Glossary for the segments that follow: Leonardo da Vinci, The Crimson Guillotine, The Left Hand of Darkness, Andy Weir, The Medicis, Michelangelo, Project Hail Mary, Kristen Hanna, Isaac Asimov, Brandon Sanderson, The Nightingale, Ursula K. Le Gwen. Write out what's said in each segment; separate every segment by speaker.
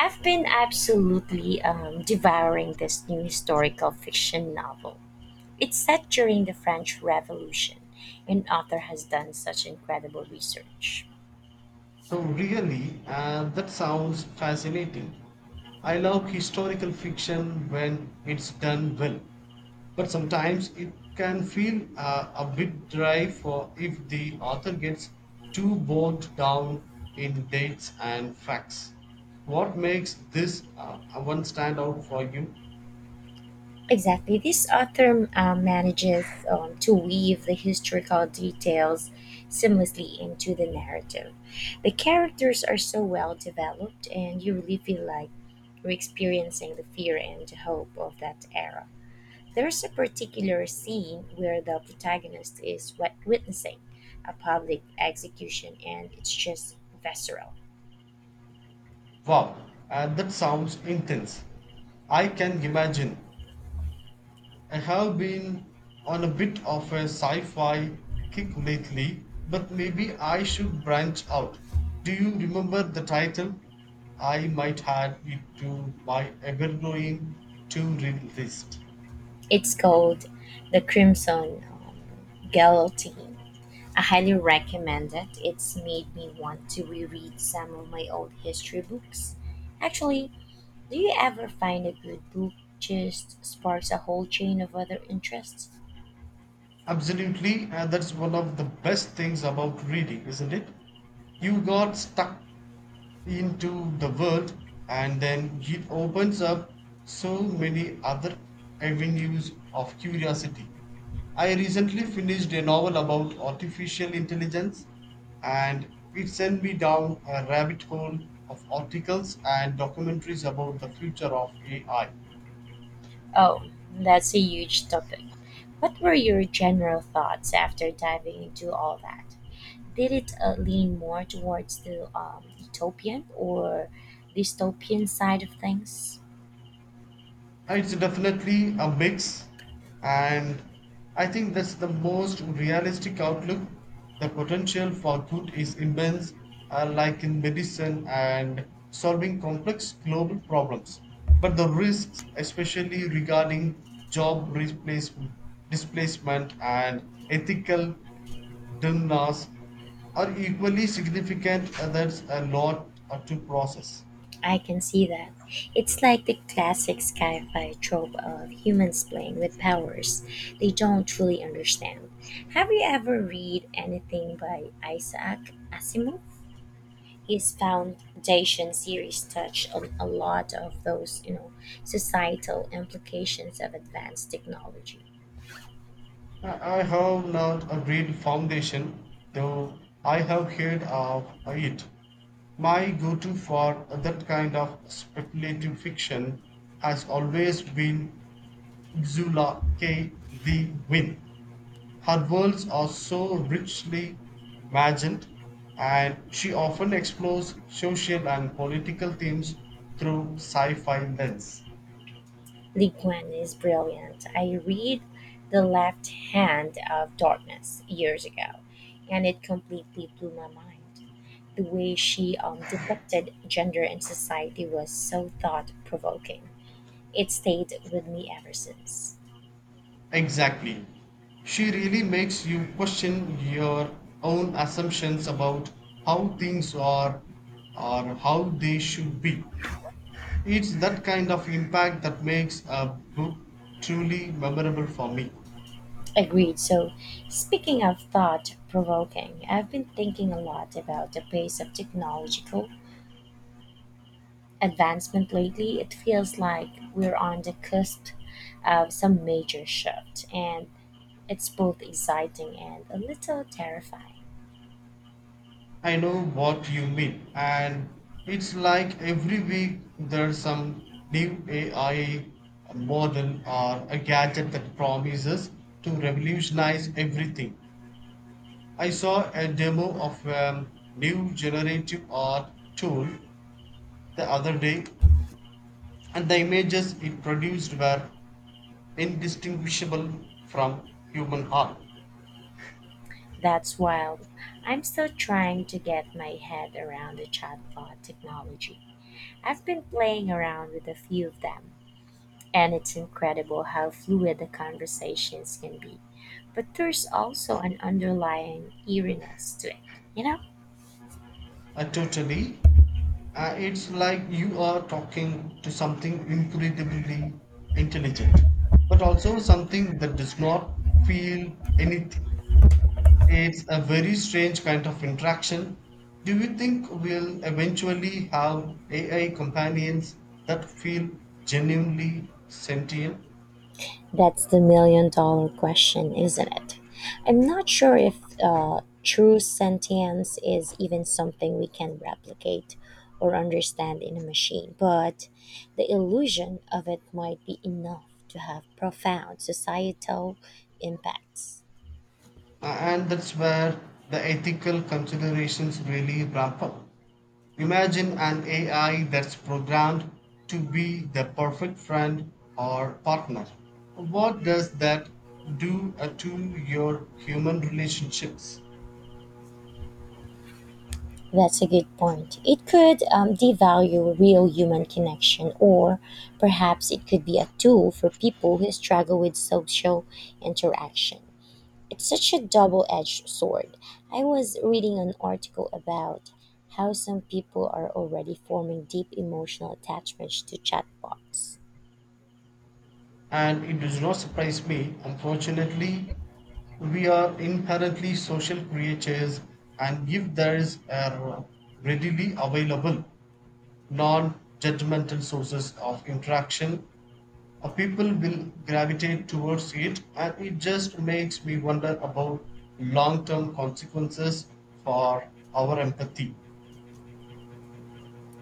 Speaker 1: I've been absolutely devouring this new historical fiction novel. It's set during the French Revolution, and author has done such incredible research.
Speaker 2: Oh, really? That sounds fascinating. I love historical fiction when it's done well, but sometimes it can feel a bit dry for if the author gets too bogged down in dates and facts. What makes this one stand out for you?
Speaker 1: Exactly, this author manages to weave the historical details seamlessly into the narrative. The characters are so well developed, and you really feel like you're experiencing the fear and hope of that era. There's a particular scene where the protagonist is witnessing a public execution and it's just visceral.
Speaker 2: Wow, that sounds intense. I can imagine. I have been on a bit of a sci fi kick lately, but maybe I should branch out. Do you remember the title? I might add it to my ever growing to read list.
Speaker 1: It's called The Crimson Guillotine. I highly recommend it. It's made me want to reread some of my old history books. Actually, do you ever find a good book just sparks a whole chain of other interests?
Speaker 2: Absolutely, and that's one of the best things about reading, isn't it? You got stuck into the world and then it opens up so many other avenues of curiosity. I recently finished a novel about artificial intelligence and it sent me down a rabbit hole of articles and documentaries about the future of AI.
Speaker 1: Oh, that's a huge topic. What were your general thoughts after diving into all that? Did it lean more towards the utopian or dystopian side of things?
Speaker 2: It's definitely a mix, and I think that's the most realistic outlook. The potential for good is immense, like in medicine and solving complex global problems. But the risks, especially regarding job replacement, displacement, and ethical dilemmas, are equally significant, and that's a lot to process.
Speaker 1: I can see that. It's like the classic sci fi trope of humans playing with powers they don't truly understand. Have you ever read anything by Isaac Asimov? His foundation series touched on a lot of those, you know, societal implications of advanced technology.
Speaker 2: I have not a real foundation, though I have heard of it. My go to for that kind of speculative fiction has always been Ursula K. Le Guin. Her worlds are so richly imagined, and she often explores social and political themes through sci fi lens.
Speaker 1: Lee Gwen is brilliant. I read The Left Hand of Darkness years ago, and it completely blew my mind. The way she depicted gender in society was so thought-provoking. It stayed with me ever since.
Speaker 2: Exactly. She really makes you question your own assumptions about how things are or how they should be. It's that kind of impact that makes a book truly memorable for me.
Speaker 1: Agreed. So, speaking of thought provoking, I've been thinking a lot about the pace of technological advancement lately. It feels like we're on the cusp of some major shift, and it's both exciting and a little terrifying.
Speaker 2: I know what you mean, and it's like every week there's some new AI model or a gadget that promises to revolutionize everything. I saw a demo of a new generative art tool the other day, and the images it produced were indistinguishable from human art.
Speaker 1: That's why I'm still trying to get my head around the chatbot technology. I've been playing around with a few of them, and it's incredible how fluid the conversations can be. But there's also an underlying eeriness to it, you know?
Speaker 2: Totally. It's like you are talking to something incredibly intelligent, but also something that does not feel anything. It's a very strange kind of interaction. Do you think we'll eventually have AI companions that feel genuinely sentient?
Speaker 1: That's the million dollar question, isn't it? I'm not sure if true sentience is even something we can replicate or understand in a machine, but the illusion of it might be enough to have profound societal impacts.
Speaker 2: And that's where the ethical considerations really ramp up. Imagine an AI that's programmed to be the perfect friend or partner. What does that do to your human relationships?
Speaker 1: That's a good point. It could devalue real human connection, or perhaps it could be a tool for people who struggle with social interaction. It's such a double edged sword. I was reading an article about how some people are already forming deep emotional attachments to chatbots.
Speaker 2: And it does not surprise me. Unfortunately, we are inherently social creatures, and if there is a readily available, non judgmental sources of interaction, people will gravitate towards it, and it just makes me wonder about long term consequences for our empathy.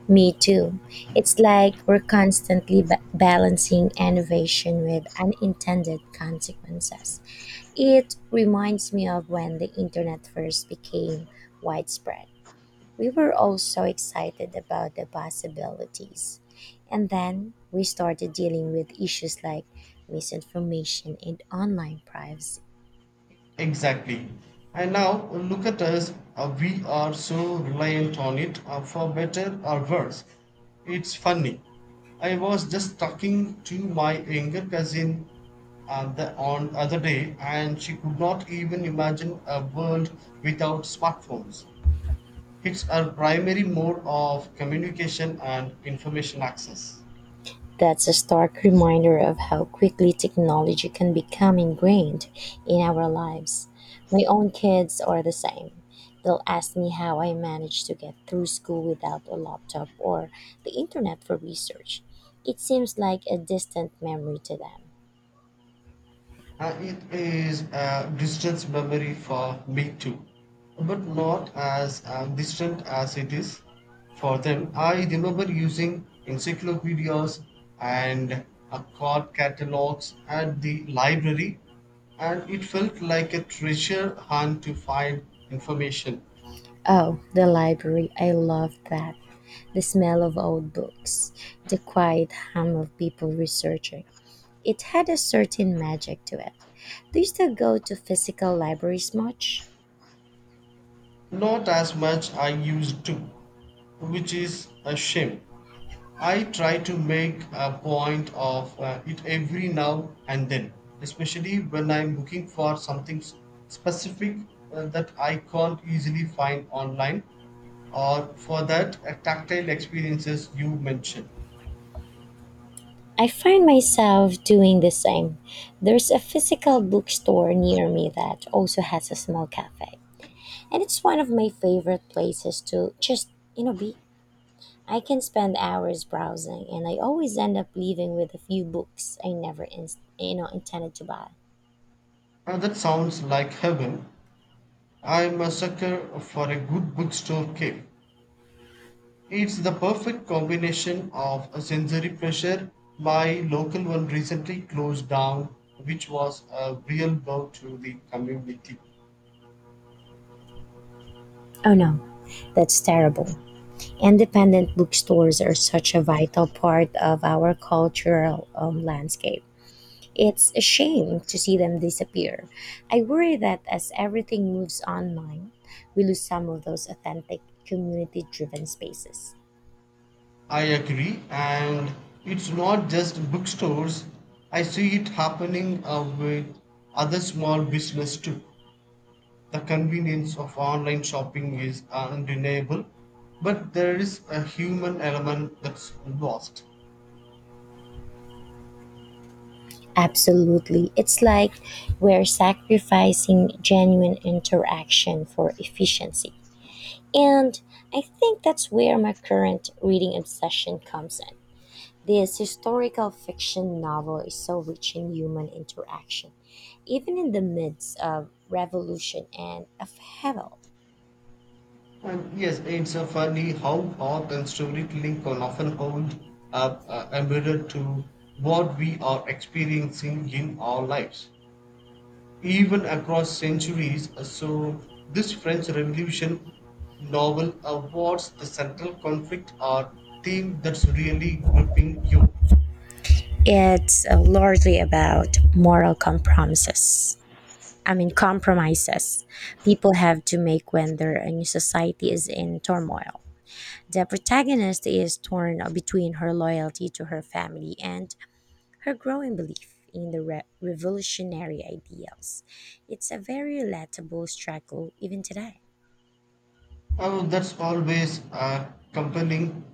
Speaker 1: Me too. It's like we're constantly balancing innovation with unintended consequences. It reminds me of when the internet first became widespread. We were all so excited about the possibilities. And then we started dealing with issues like misinformation and online privacy.
Speaker 2: Exactly. And now look at us. We are so reliant on it for better or worse. It's funny. I was just talking to my younger cousin on other day, and she could not even imagine a world without smartphones. It's our primary mode of communication and information access.
Speaker 1: That's a stark reminder of how quickly technology can become ingrained in our lives. My own kids are the same. They'll ask me how I manage to get through school without a laptop or the internet for research. It seems like a distant memory to them.
Speaker 2: And it is a distance memory for me too, but not as distant as it is for them. I remember using encyclopedias and card catalogs at the library, and it felt like a treasure hunt to find information,
Speaker 1: Oh, the library. I love that. The smell of old books, the quiet hum of people researching. It had a certain magic to it. Do you still go to physical libraries much?
Speaker 2: not as much I used to, which is a shame. I try to make a point of it every now and then, especially when I'm looking for something specific that I can't easily find online or for that tactile experiences you mentioned.
Speaker 1: I find myself doing the same. There's a physical bookstore near me that also has a small cafe, and it's one of my favorite places to just, you know, be. I can spend hours browsing, and I always end up leaving with a few books I never, in, you know, intended to buy.
Speaker 2: That sounds like heaven. I'm a sucker for a good bookstore cave. It's the perfect combination of a sensory pleasure. My local one recently closed down, which was a real blow to the community.
Speaker 1: Oh no, that's terrible. Independent bookstores are such a vital part of our cultural landscape. It's a shame to see them disappear. I worry that as everything moves online, we lose some of those authentic community driven spaces.
Speaker 2: I agree, and it's not just bookstores. I see it happening with other small business too. The convenience of online shopping is undeniable, but there is a human element that's lost.
Speaker 1: Absolutely. It's like we're sacrificing genuine interaction for efficiency. And I think that's where my current reading obsession comes in. This historical fiction novel is so rich in human interaction, even in the midst of revolution and upheaval.
Speaker 2: And yes, it's so funny how art and storytelling can often hold up embedded to what we are experiencing in our lives, even across centuries. So, this French Revolution novel awards the central conflict or theme that's really gripping you.
Speaker 1: It's largely about moral compromises. I mean, compromises people have to make when their new society is in turmoil. The protagonist is torn between her loyalty to her family and her growing belief in the revolutionary ideals. It's a very relatable struggle even today.
Speaker 2: Oh, that's always compelling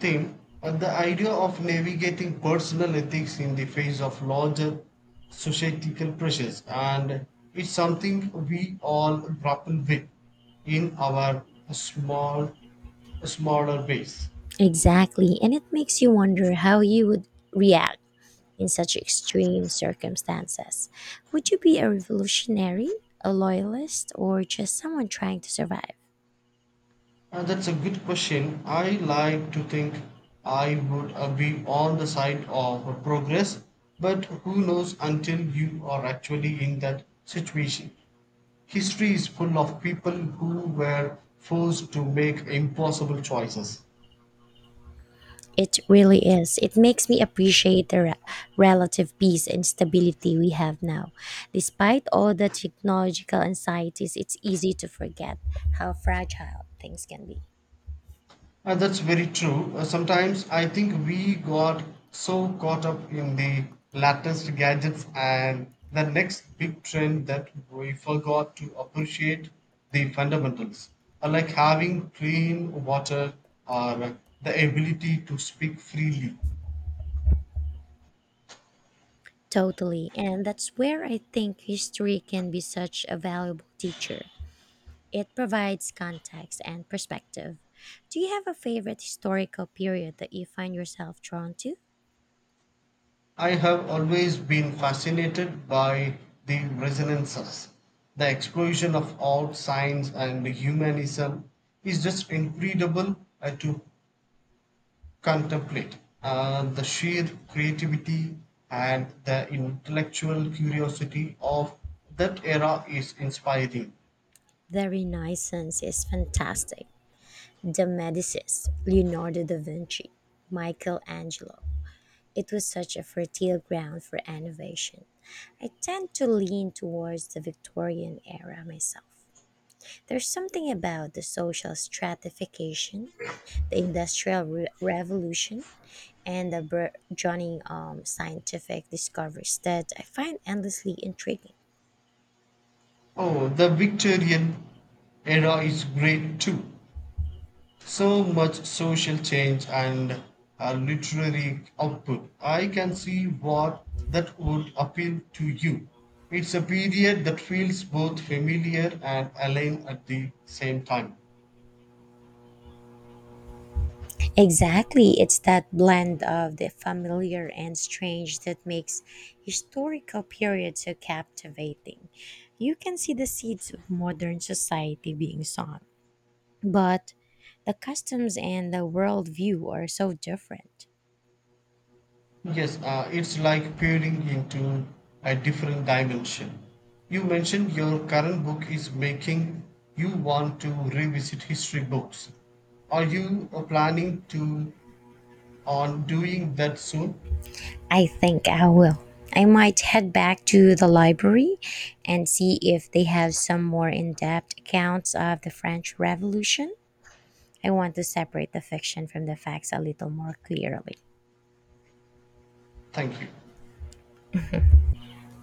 Speaker 2: theme, but the idea of navigating personal ethics in the face of larger societal pressures, and it's something we all grapple with in our small, smaller ways.
Speaker 1: Exactly. And it makes you wonder how you would react in such extreme circumstances. Would you be a revolutionary, a loyalist, or just someone trying to survive?
Speaker 2: And that's a good question. I like to think I would be on the side of progress, but who knows until you are actually in that situation. History is full of people who were forced to make impossible choices.
Speaker 1: It really is. It makes me appreciate the relative peace and stability we have now. Despite all the technological anxieties, it's easy to forget how fragile things can be.
Speaker 2: And that's very true. Sometimes I think we got so caught up in the latest gadgets and the next big trend that we forgot to appreciate the fundamentals, like having clean water or the ability to speak freely.
Speaker 1: Totally. And that's where I think history can be such a valuable teacher. It provides context and perspective. Do you have a favorite historical period that you find yourself drawn to?
Speaker 2: I have always been fascinated by the resonances. The explosion of art, science, and humanism is just incredible to contemplate. The sheer creativity and the intellectual curiosity of that era is inspiring.
Speaker 1: The Renaissance is fantastic. The Medicis, Leonardo da Vinci, Michelangelo. It was such a fertile ground for innovation. I tend to lean towards the Victorian era myself. There's something about the social stratification, the Industrial Revolution, and the Br- Johnny scientific discoveries that I find endlessly intriguing.
Speaker 2: Oh, the Victorian era is great too. So much social change and literary output. I can see what that would appeal to you. It's a period that feels both familiar and alien at the same time.
Speaker 1: Exactly, it's that blend of the familiar and strange that makes historical periods so captivating. You can see the seeds of modern society being sown, but the customs and the worldview are so different.
Speaker 2: Yes, it's like peering into a different dimension. You mentioned your current book is making you want to revisit history books. Are you planning to on doing that soon?
Speaker 1: I think I will. I might head back to the library and see if they have some more in depth accounts of the French Revolution. I want to separate the fiction from the facts a little more clearly.
Speaker 2: Thank you.